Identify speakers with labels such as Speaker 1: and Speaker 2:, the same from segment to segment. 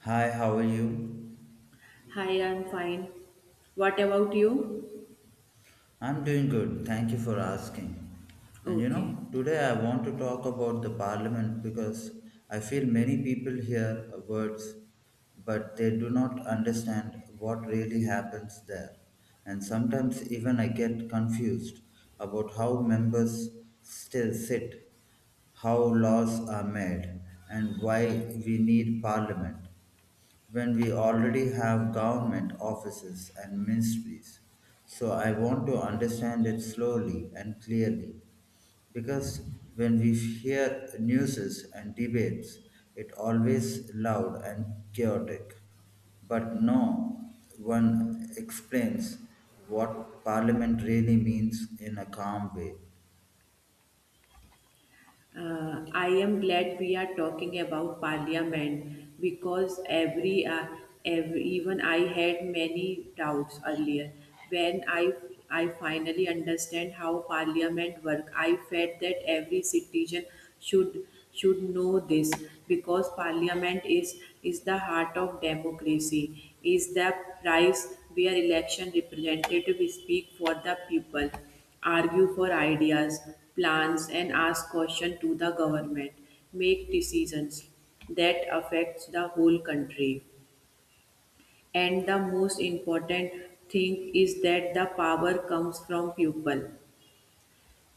Speaker 1: Hi, how are you?
Speaker 2: Hi, I'm fine. What about you?
Speaker 1: I'm doing good. Thank you for asking. And you know, today I want to talk about the parliament because I feel many people hear words but they do not understand what really happens there. And sometimes even I get confused about how members still sit, how laws are made, and why we need parliament when we already have government offices and ministries. So I want to understand it slowly and clearly because when we hear newses and debates, it always loud and chaotic. But no one explains what parliament really means in a calm way.
Speaker 2: I am glad we are talking about Parliament because every even I had many doubts earlier. When I finally understand how Parliament work, I felt that every citizen should should know this because Parliament is the heart of democracy, is the price where election representatives speak for the people, argue for ideas, plans, and ask questions to the government, make decisions that affects the whole country. And the most important thing is that the power comes from people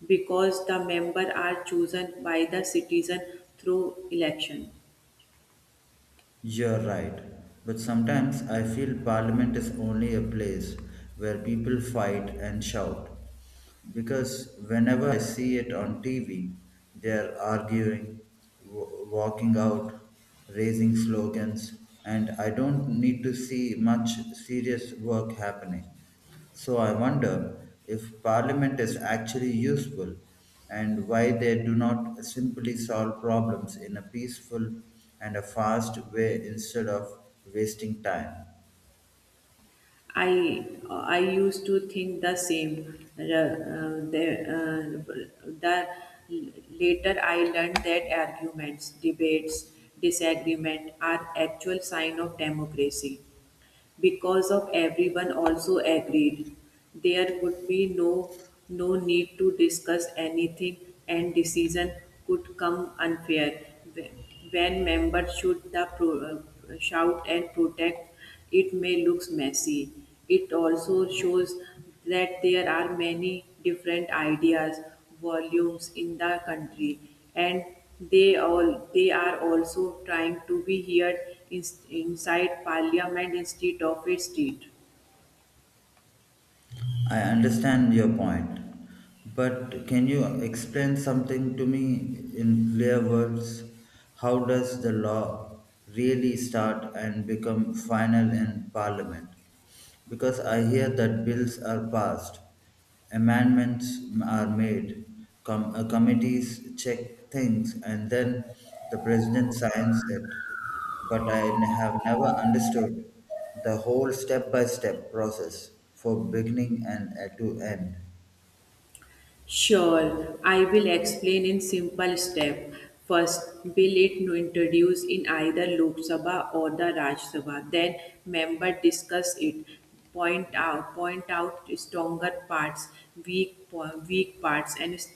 Speaker 2: because the member are chosen by the citizen through election.
Speaker 1: You're right, but sometimes I feel Parliament is only a place where people fight and shout. Because whenever I see it on TV, they're arguing, walking out, raising slogans, and I don't need to see much serious work happening. So I wonder if parliament is actually useful and why they do not simply solve problems in a peaceful and a fast way instead of wasting time.
Speaker 2: I used to think the same. The later I learned that arguments, debates, disagreement are actual sign of democracy because of everyone also agreed. There would be no need to discuss anything, and decision could come unfair. When members should shout and protect, it may look messy. It also shows that there are many different ideas, volumes in the country, and they are also trying to be heard in, inside parliament instead of a street.
Speaker 1: I understand your point, but can you explain something to me in clear words? How does the law really start and become final in parliament? Because I hear that bills are passed, amendments are made, committees check things, and then the president signs it. But I have never understood the whole step by step process for beginning and to end.
Speaker 2: Sure, I will explain in simple step. First, bill it to introduce in either Lok Sabha or the Raj Sabha. Then, member discuss it. Point out stronger parts, weak parts, and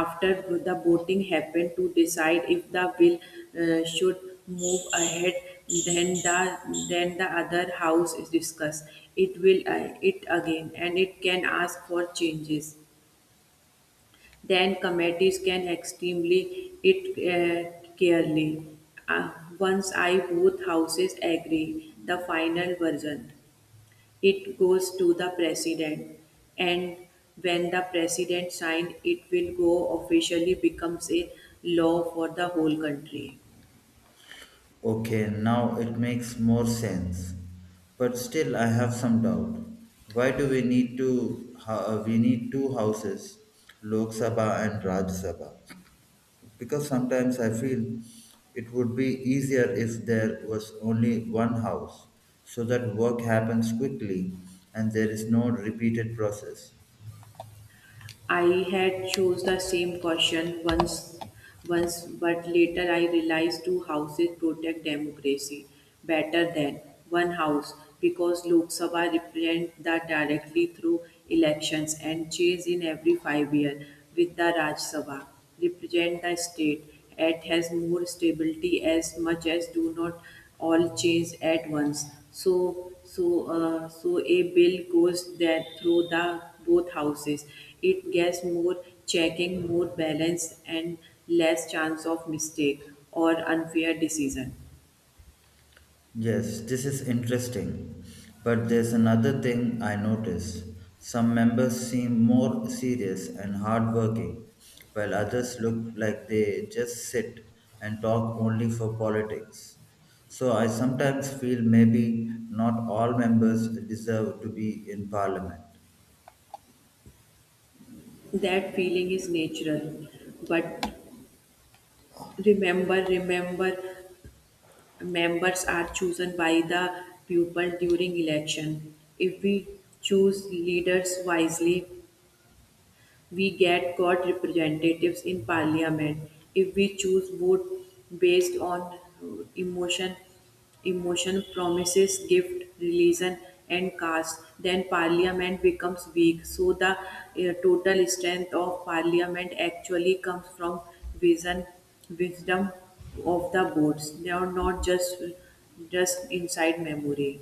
Speaker 2: after the voting happen to decide if the bill should move ahead. Then the then the other house is discussed. It will it again, and it can ask for changes. Then committees can extremely it clearly. Uh, Once I both houses agree the final version, it goes to the president, and when the president signs, it will go officially becomes a law for the whole country.
Speaker 1: Okay, now it makes more sense. But still, I have some doubt. Why do we need two? Ho- We need two houses, Lok Sabha and Rajya Sabha, because sometimes I feel it would be easier if there was only one house so that work happens quickly and there is no repeated process.
Speaker 2: I had chose the same caution once, but later I realized two houses protect democracy better than one house because Lok Sabha represent that directly through elections and change in every 5 years with the Raj Sabha represent the state at has more stability as much as do not all change at once, so so so a bill goes that through the both houses. It gets more checking, more balance, and less chance of mistake or unfair decision.
Speaker 1: Yes, this is interesting. But there's another thing I notice. Some members seem more serious and hardworking, while others look like they just sit and talk only for politics. So I sometimes feel maybe not all members deserve to be in parliament.
Speaker 2: That feeling is natural, but remember members are chosen by the people during election. If we choose leaders wisely, we get got representatives in parliament. If we choose vote based on uh, emotion emotion, promises, gift, religion, and caste, then parliament becomes weak. So the total strength of parliament actually comes from vision, wisdom of the boards. They are not just just inside memory.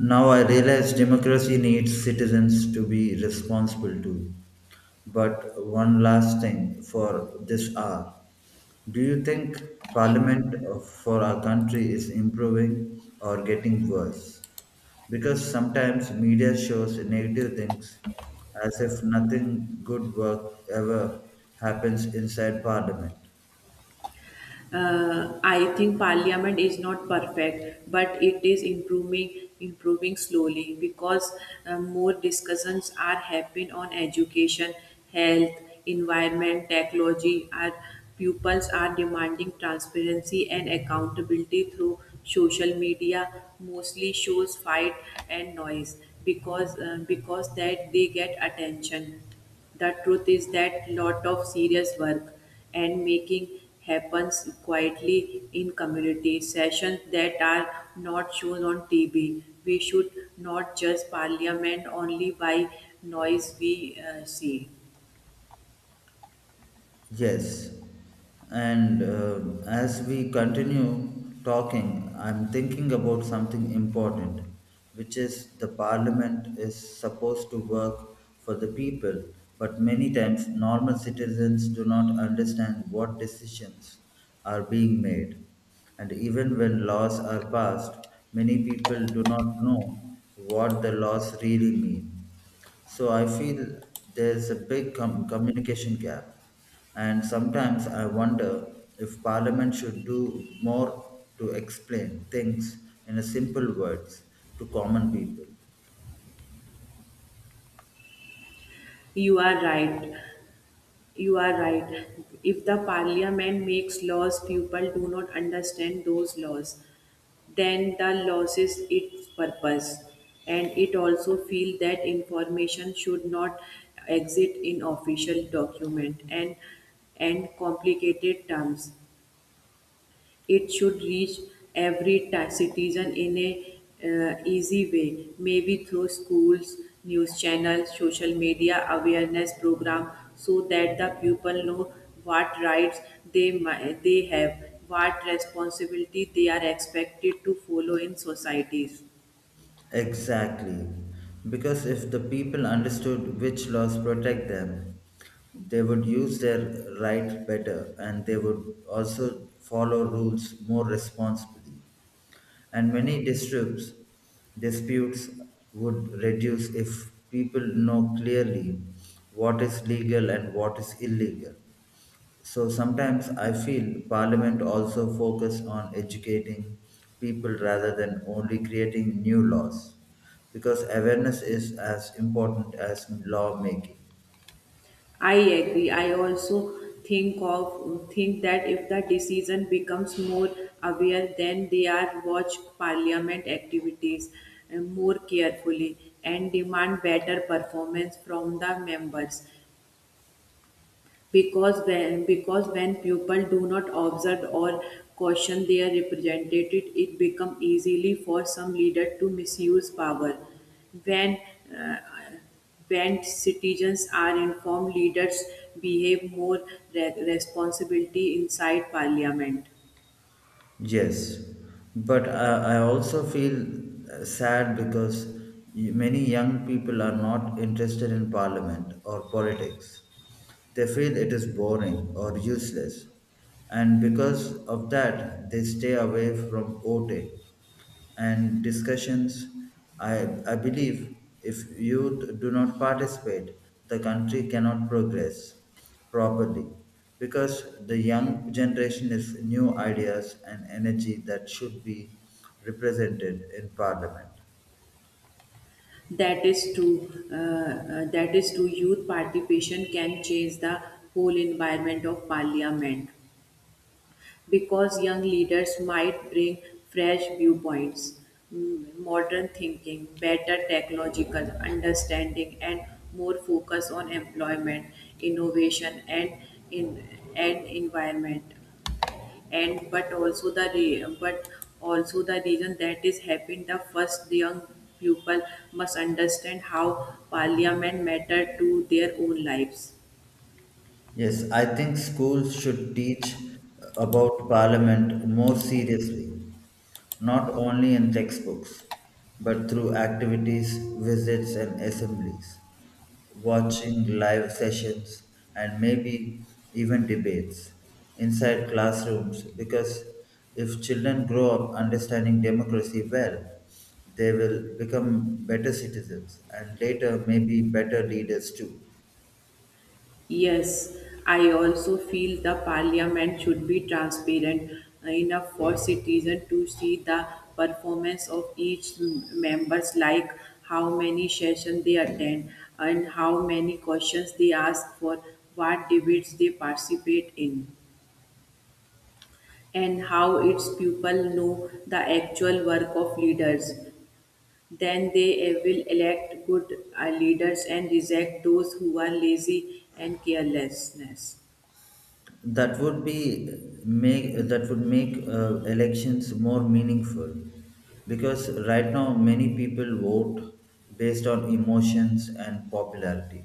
Speaker 1: Now I realize democracy needs citizens to be responsible too. But one last thing for this hour. Do you think Parliament for our country is improving or getting worse? Because sometimes media shows negative things as if nothing good work ever happens inside Parliament.
Speaker 2: I think Parliament is not perfect, but it is improving slowly because more discussions are happening on education, health, environment, technology. Our pupils are demanding transparency and accountability through social media, mostly shows fight and noise because that they get attention. The truth is that lot of serious work and making happens quietly in community sessions that are not shown on TV. We should not judge parliament only by noise we see.
Speaker 1: Yes, and as we continue talking, I'm thinking about something important, which is the parliament is supposed to work for the people, but many times normal citizens do not understand what decisions are being made. And even when laws are passed, many people do not know what the laws really mean. So I feel there's a big communication gap, and sometimes I wonder if Parliament should do more to explain things in a simple words to common people.
Speaker 2: You are right. You are right. If the parliament makes laws, people do not understand those laws. Then the laws is its purpose. And it also feel that information should not exist in official document, and complicated terms. It should reach citizen in a easy way, maybe through schools, news channels, social media, awareness program, so that the people know what rights they have, what responsibility they are expected to follow in societies.
Speaker 1: Exactly, because if the people understood which laws protect them, they would use their right better and they would also follow rules more responsibly. And many disputes would reduce if people know clearly what is legal and what is illegal. So sometimes I feel Parliament also focus on educating people rather than only creating new laws because awareness is as important as lawmaking.
Speaker 2: I agree. I also think that if the decision becomes more aware, then they are watch parliament activities more carefully and demand better performance from the members. Because when people do not observe or caution their representative, it becomes easily for some leader to misuse power. When when citizens are informed, leaders behave more responsibility inside parliament.
Speaker 1: Yes, but I also feel sad because many young people are not interested in parliament or politics. They feel it is boring or useless, and because of that, they stay away from voting and discussions. I, I believe if youth do not participate, the country cannot progress properly because the young generation is new ideas and energy that should be represented in parliament.
Speaker 2: That is true. That is true. Youth participation can change the whole environment of parliament because young leaders might bring fresh viewpoints, modern thinking, better technological understanding, and more focus on employment, innovation, in and environment. And but also the re- but also the reason that is happened the first, the young people must understand how parliament matter to their own lives.
Speaker 1: Yes, I think schools should teach about Parliament more seriously, not only in textbooks, but through activities, visits, and assemblies, watching live sessions, and maybe even debates inside classrooms. Because if children grow up understanding democracy well, they will become better citizens and later, maybe better leaders too.
Speaker 2: Yes, I also feel the parliament should be transparent enough for citizens to see the performance of each members, like how many sessions they attend, and how many questions they ask for, what debates they participate in, and how its people know the actual work of leaders. Then they will elect good leaders and reject those who are lazy and carelessness.
Speaker 1: that would be that would make elections more meaningful because right now many people vote based on emotions and popularity,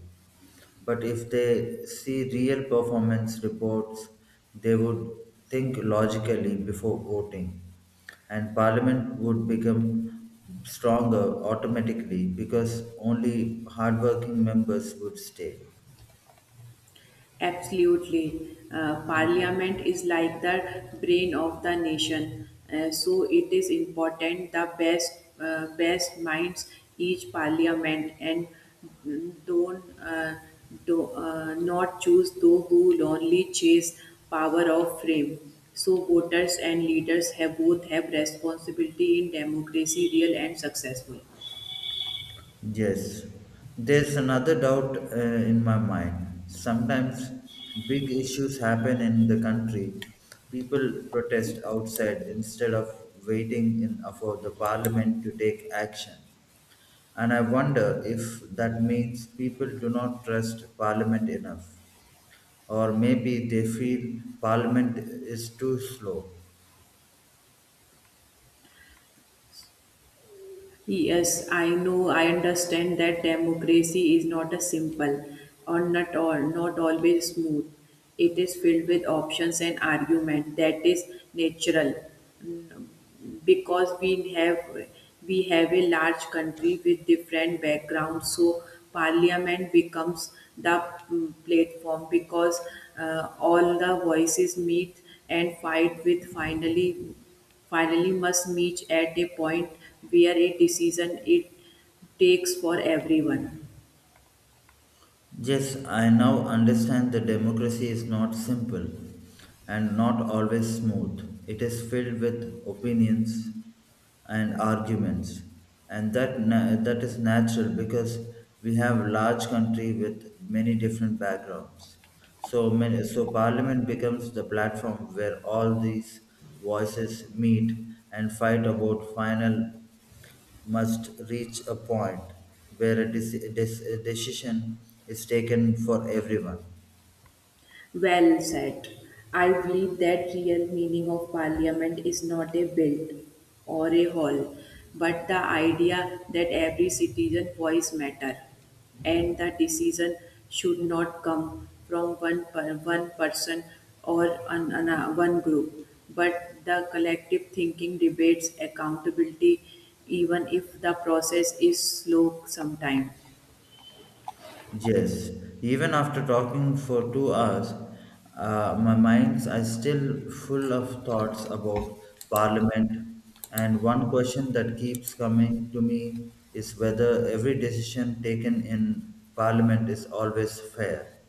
Speaker 1: but if they see real performance reports they would think logically before voting and parliament would become stronger automatically because only hardworking members would stay.
Speaker 2: Absolutely. Parliament is like the brain of the nation. So it is important the best minds each parliament, and mm, don't do, not choose those who only chase power of fame. So voters and leaders have both have responsibility in democracy, real and successful.
Speaker 1: Yes, there's another doubt in my mind. Sometimes big issues happen in the country. People protest outside instead of for the parliament to take action. And I wonder if that means people do not trust parliament enough. Or maybe they feel parliament is too slow.
Speaker 2: Yes, I know, I understand that democracy is not a simple, or not all, not always smooth. It is filled with options and argument that is natural because we have a large country with different backgrounds, so parliament becomes the platform because all the voices meet and fight with, finally must meet at a point where a decision it takes for everyone.
Speaker 1: Yes, I now understand that democracy is not simple and not always smooth. It is filled with opinions and arguments, and that is natural because we have a large country with many different backgrounds. So parliament becomes the platform where all these voices meet and fight about final must reach a point where a decision is taken for everyone.
Speaker 2: Well said. I believe that real meaning of parliament is not a build or a hall, but the idea that every citizen voice matter, and the decision should not come from one person or one group, but the collective thinking, debates, accountability, even if the process is slow sometimes.
Speaker 1: Yes, even after talking for 2 hours, my minds are still full of thoughts about Parliament. And one question that keeps coming to me is whether every decision taken in Parliament is always fair.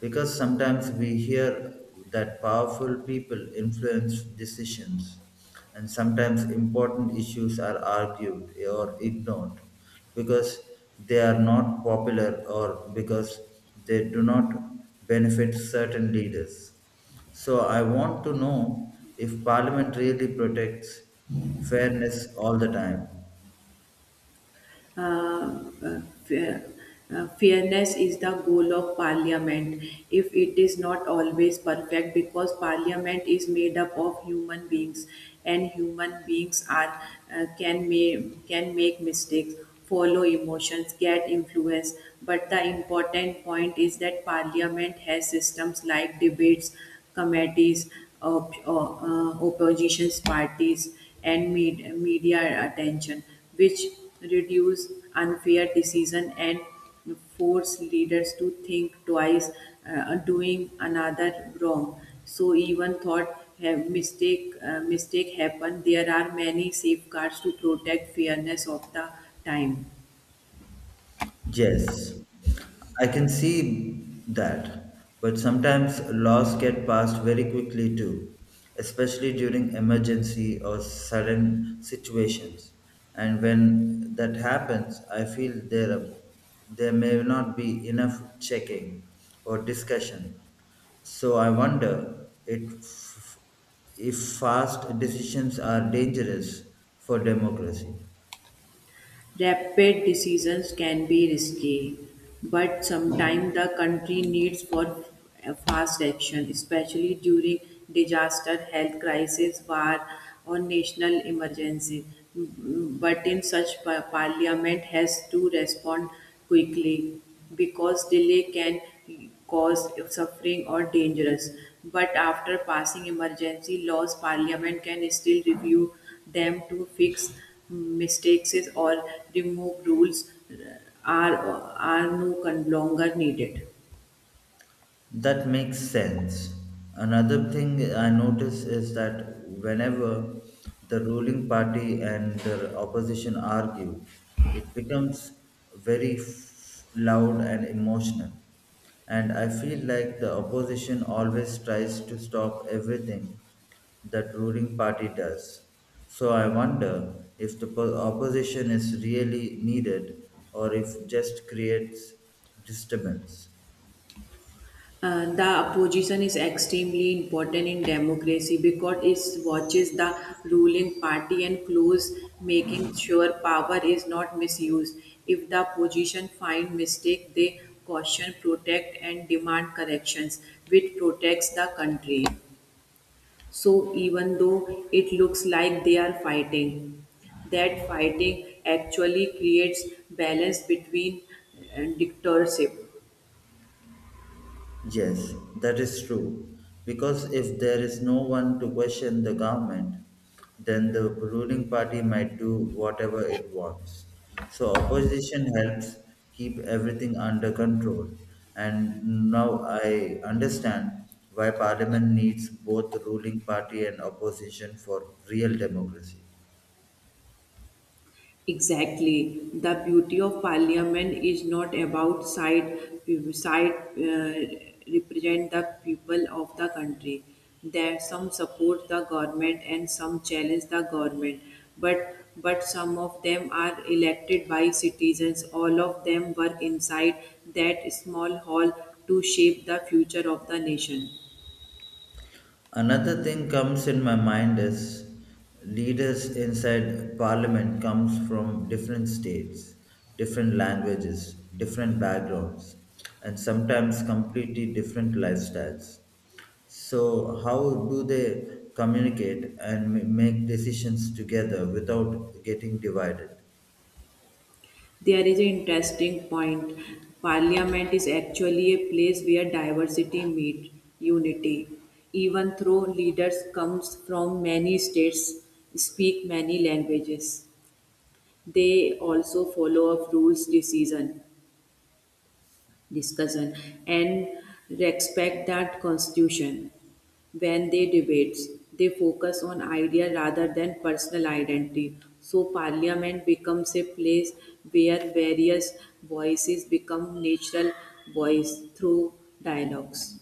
Speaker 1: Because sometimes we hear that powerful people influence decisions and sometimes important issues are argued or ignored because they are not popular or because they do not benefit certain leaders. So I want to know if parliament really protects fairness all the time.
Speaker 2: uh, uh, fair- Fairness is the goal of parliament. If it is not always perfect because parliament is made up of human beings, and human beings are can make mistakes, follow emotions, get influence. But the important point is that parliament has systems like debates, committees, opposition parties, and media attention, which reduce unfair decision and force leaders to think twice doing another wrong. So even thought have mistake happen, there are many safeguards to protect fairness of the time.
Speaker 1: Yes, I can see that, but sometimes laws get passed very quickly too, especially during emergency or sudden situations. And when that happens, I feel there may not be enough checking or discussion. So I wonder if fast decisions are dangerous for democracy.
Speaker 2: Rapid decisions can be risky, but sometimes the country needs for fast action, especially during disaster, health crisis, war, or national emergency. But in such parliament has to respond quickly because delay can cause suffering or dangerous. But after passing emergency laws, Parliament can still review them to fix mistakes or remove rules are no longer needed.
Speaker 1: That makes sense. Another thing I notice is that whenever the ruling party and the opposition argue, it becomes loud and emotional. And I feel like the opposition always tries to stop everything that ruling party does. So I wonder if the opposition is really needed or if just creates disturbance.
Speaker 2: The opposition is extremely important in democracy because it watches the ruling party and close, making sure power is not misused. If the opposition find mistake, they caution, protect and demand corrections, which protects the country. So even though it looks like they are fighting, that fighting actually creates balance between dictatorship.
Speaker 1: Yes, that is true. Because if there is no one to question the government, then the ruling party might do whatever it wants. So opposition helps keep everything under control. And now I understand why parliament needs both ruling party and opposition for real democracy.
Speaker 2: Exactly. The beauty of parliament is not about side uh, represent the people of the country. There some support the government and some challenge the government, but some of them are elected by citizens. All of them were inside that small hall to shape the future of the nation.
Speaker 1: Another thing comes in my mind is leaders inside parliament comes from different states, different languages, different backgrounds, and sometimes completely different lifestyles. So how do they communicate and make decisions together without getting divided?
Speaker 2: There is an interesting point. Parliament is actually a place where diversity meets unity. Even though leaders comes from many states, speak many languages, they also follow up rules, decision, discussion, and respect that constitution. When they debate, they focus on idea rather than personal identity. So parliament becomes a place where various voices become natural voice through dialogues.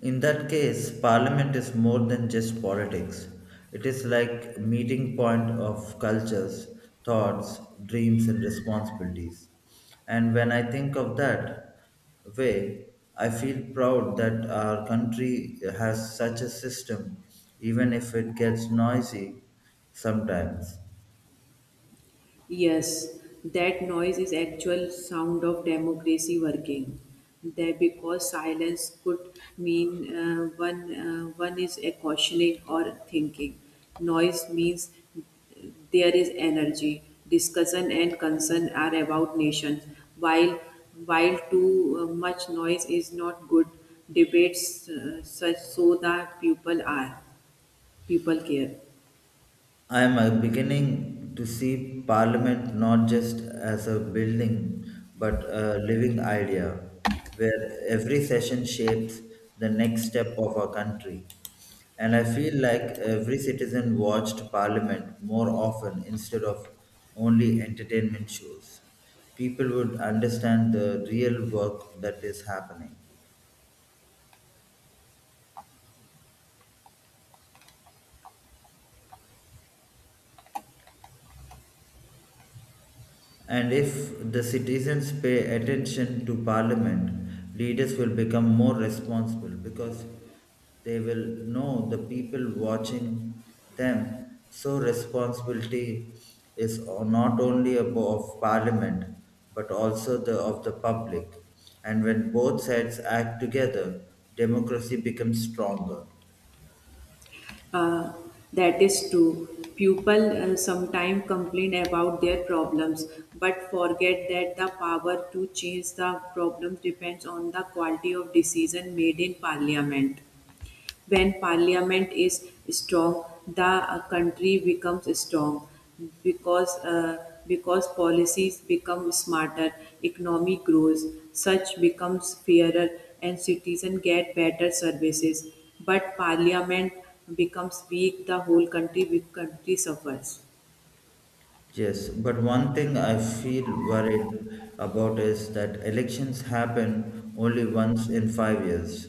Speaker 1: In that case, parliament is more than just politics. It is like meeting point of cultures, thoughts, dreams and responsibilities. And when I think of that way, I feel proud that our country has such a system even if it gets noisy sometimes.
Speaker 2: Yes, that noise is actual sound of democracy working. That because silence could mean one is a cautioning or thinking. Noise means there is energy. Discussion and concern are about nations. While while too much noise is not good, debates such so that people care.
Speaker 1: I am beginning to see Parliament not just as a building, but a living idea, where every session shapes the next step of our country. And I feel like every citizen watched Parliament more often instead of only entertainment shows. People would understand the real work that is happening. And if the citizens pay attention to parliament, leaders will become more responsible because they will know the people watching them. So, responsibility is not only of parliament but also of the public. And when both sides act together, democracy becomes stronger.
Speaker 2: uh, that is true. People sometimes complain about their problems, but forget that the power to change the problem depends on the quality of decision made in parliament. When parliament is strong, the country becomes strong because policies become smarter, economy grows, such becomes fairer, and citizens get better services. But parliament becomes weak, the whole country suffers.
Speaker 1: Yes, but one thing I feel worried about is that elections happen only once in 5 years.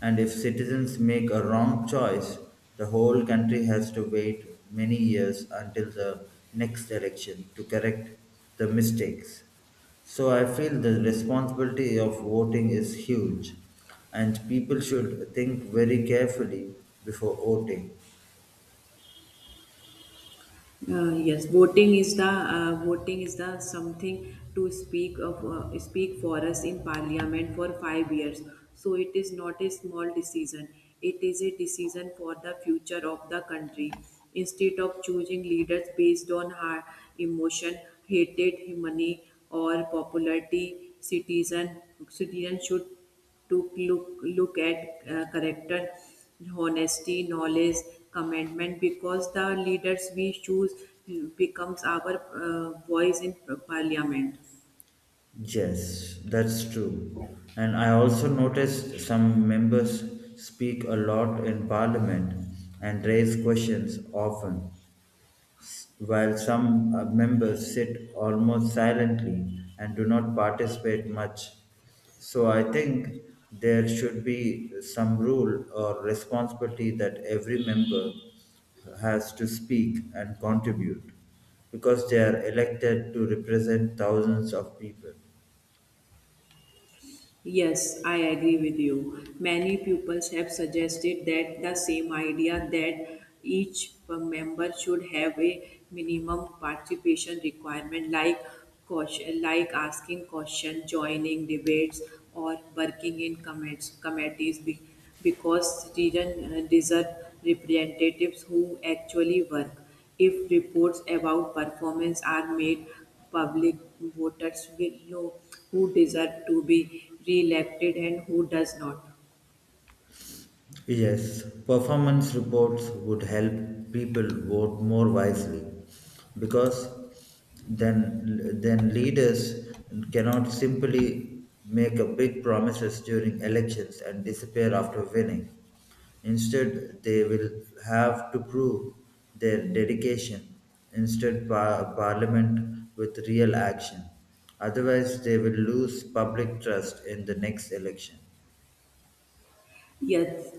Speaker 1: And if citizens make a wrong choice, the whole country has to wait many years until the next election to correct the mistakes. So I feel the responsibility of voting is huge, and people should think very carefully before voting.
Speaker 2: Yes, voting is the something to speak of speak for us in parliament for 5 years. So it is not a small decision. It is a decision for the future of the country. Instead of choosing leaders based on her emotion, hatred, money, or popularity, citizen should took look look at character, honesty, knowledge, commitment, because the leaders we choose becomes our voice in parliament.
Speaker 1: Yes, that's true. And I also noticed some members speak a lot in parliament and raise questions often, while some members sit almost silently and do not participate much. So I think there should be some rule or responsibility that every member has to speak and contribute because they are elected to represent thousands of people.
Speaker 2: Yes, I agree with you. Many pupils have suggested that the same idea that each member should have a minimum participation requirement, like caution, like asking questions, joining debates, or working in committees, because students deserve representatives who actually work. If reports about performance are made public, voters will know who desire to be re-elected and who does not.
Speaker 1: Yes, performance reports would help people vote more wisely because then leaders cannot simply make a big promises during elections and disappear after winning. Instead, they will have to prove their dedication. Instead, parliament with real action. Otherwise, they will lose public trust in the next election.
Speaker 2: Yes,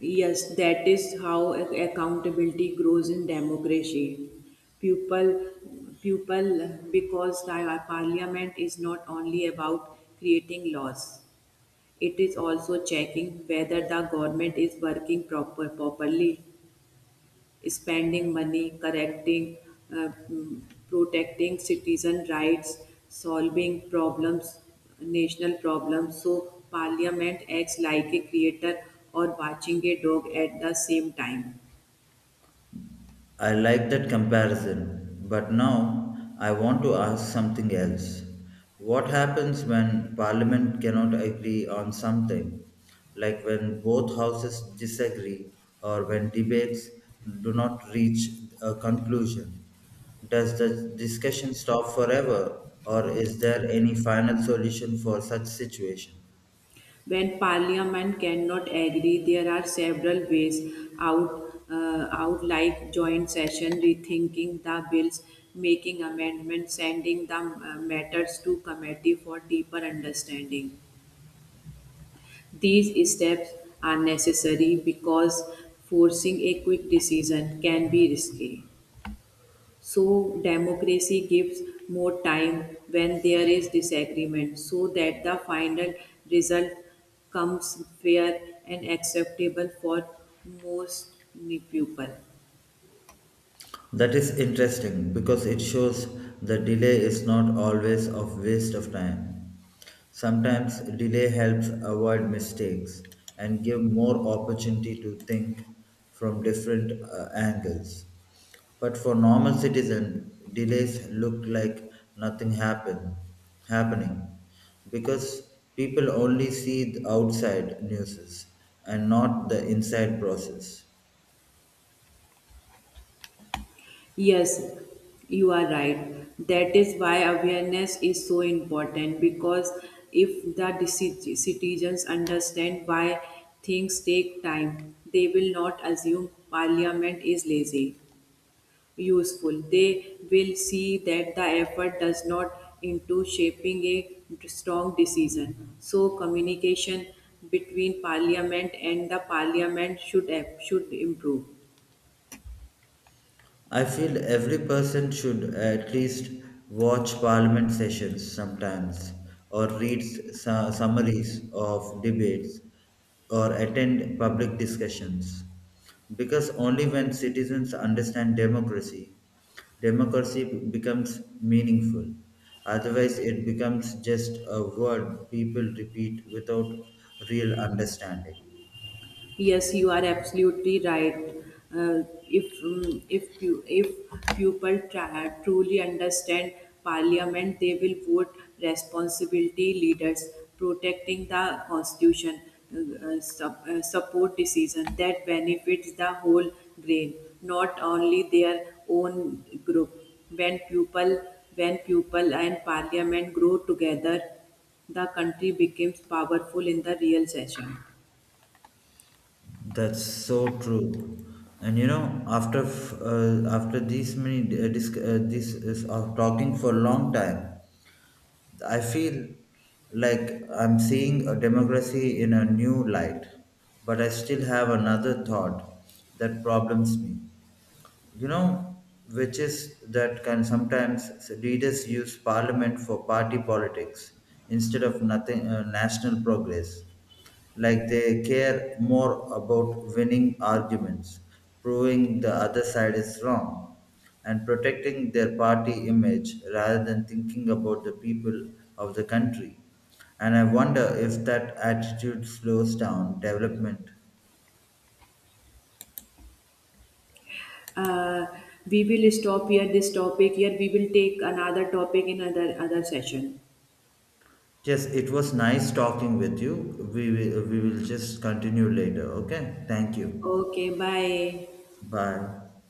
Speaker 2: yes, that is how accountability grows in democracy. People, because our parliament is not only about creating laws; it is also checking whether the government is working properly, spending money, correcting, uh, mm, protecting citizen rights, solving problems, national problems. So parliament acts like a creator or watching a dog at the same time.
Speaker 1: I like that comparison, but now I want to ask something else. What happens when Parliament cannot agree on something, like when both houses disagree or when debates do not reach a conclusion? Does the discussion stop forever, or is there any final solution for such situation?
Speaker 2: When parliament cannot agree, there are several ways out. Like joint session, rethinking the bills, making amendments, sending the matters to committee for deeper understanding. These steps are necessary because forcing a quick decision can be risky. So, democracy gives more time when there is disagreement so that the final result comes fair and acceptable for most people.
Speaker 1: That is interesting because it shows the delay is not always a waste of time. Sometimes delay helps avoid mistakes and give more opportunity to think from different angles. But for normal citizen, delays look like nothing happening because people only see the outside news and not the inside process.
Speaker 2: Yes, you are right. That is why awareness is so important because if the citizens understand why things take time, they will not assume parliament is lazy, useful. They will see that the effort does not into shaping a strong decision. So communication between parliament and the parliament should improve.
Speaker 1: I feel every person should at least watch parliament sessions sometimes, or read summaries of debates, or attend public discussions. Because only when citizens understand democracy, democracy becomes meaningful. Otherwise, it becomes just a word people repeat without real understanding.
Speaker 2: Yes, you are absolutely right. Uh, if if you if people truly understand Parliament, they will vote responsibility leaders, protecting the constitution, support decision that benefits the whole grain, not only their own group. When people when people and Parliament grow together, the country becomes powerful in the real session.
Speaker 1: That's so true. And you know, after f- after these many disc, this is of talking for a long time, I feel like I'm seeing a democracy in a new light. But I still have another thought that problems me, you know, which is that can sometimes leaders use parliament for party politics instead of nothing national progress. Like they care more about winning arguments, proving the other side is wrong, and protecting their party image rather than thinking about the people of the country. And I wonder if that attitude slows down development.
Speaker 2: Uh, we will stop here this topic. Here we will take another topic in other session.
Speaker 1: Yes, it was nice talking with you. We will just continue later. Okay. Thank you.
Speaker 2: Okay, bye.
Speaker 1: Bye.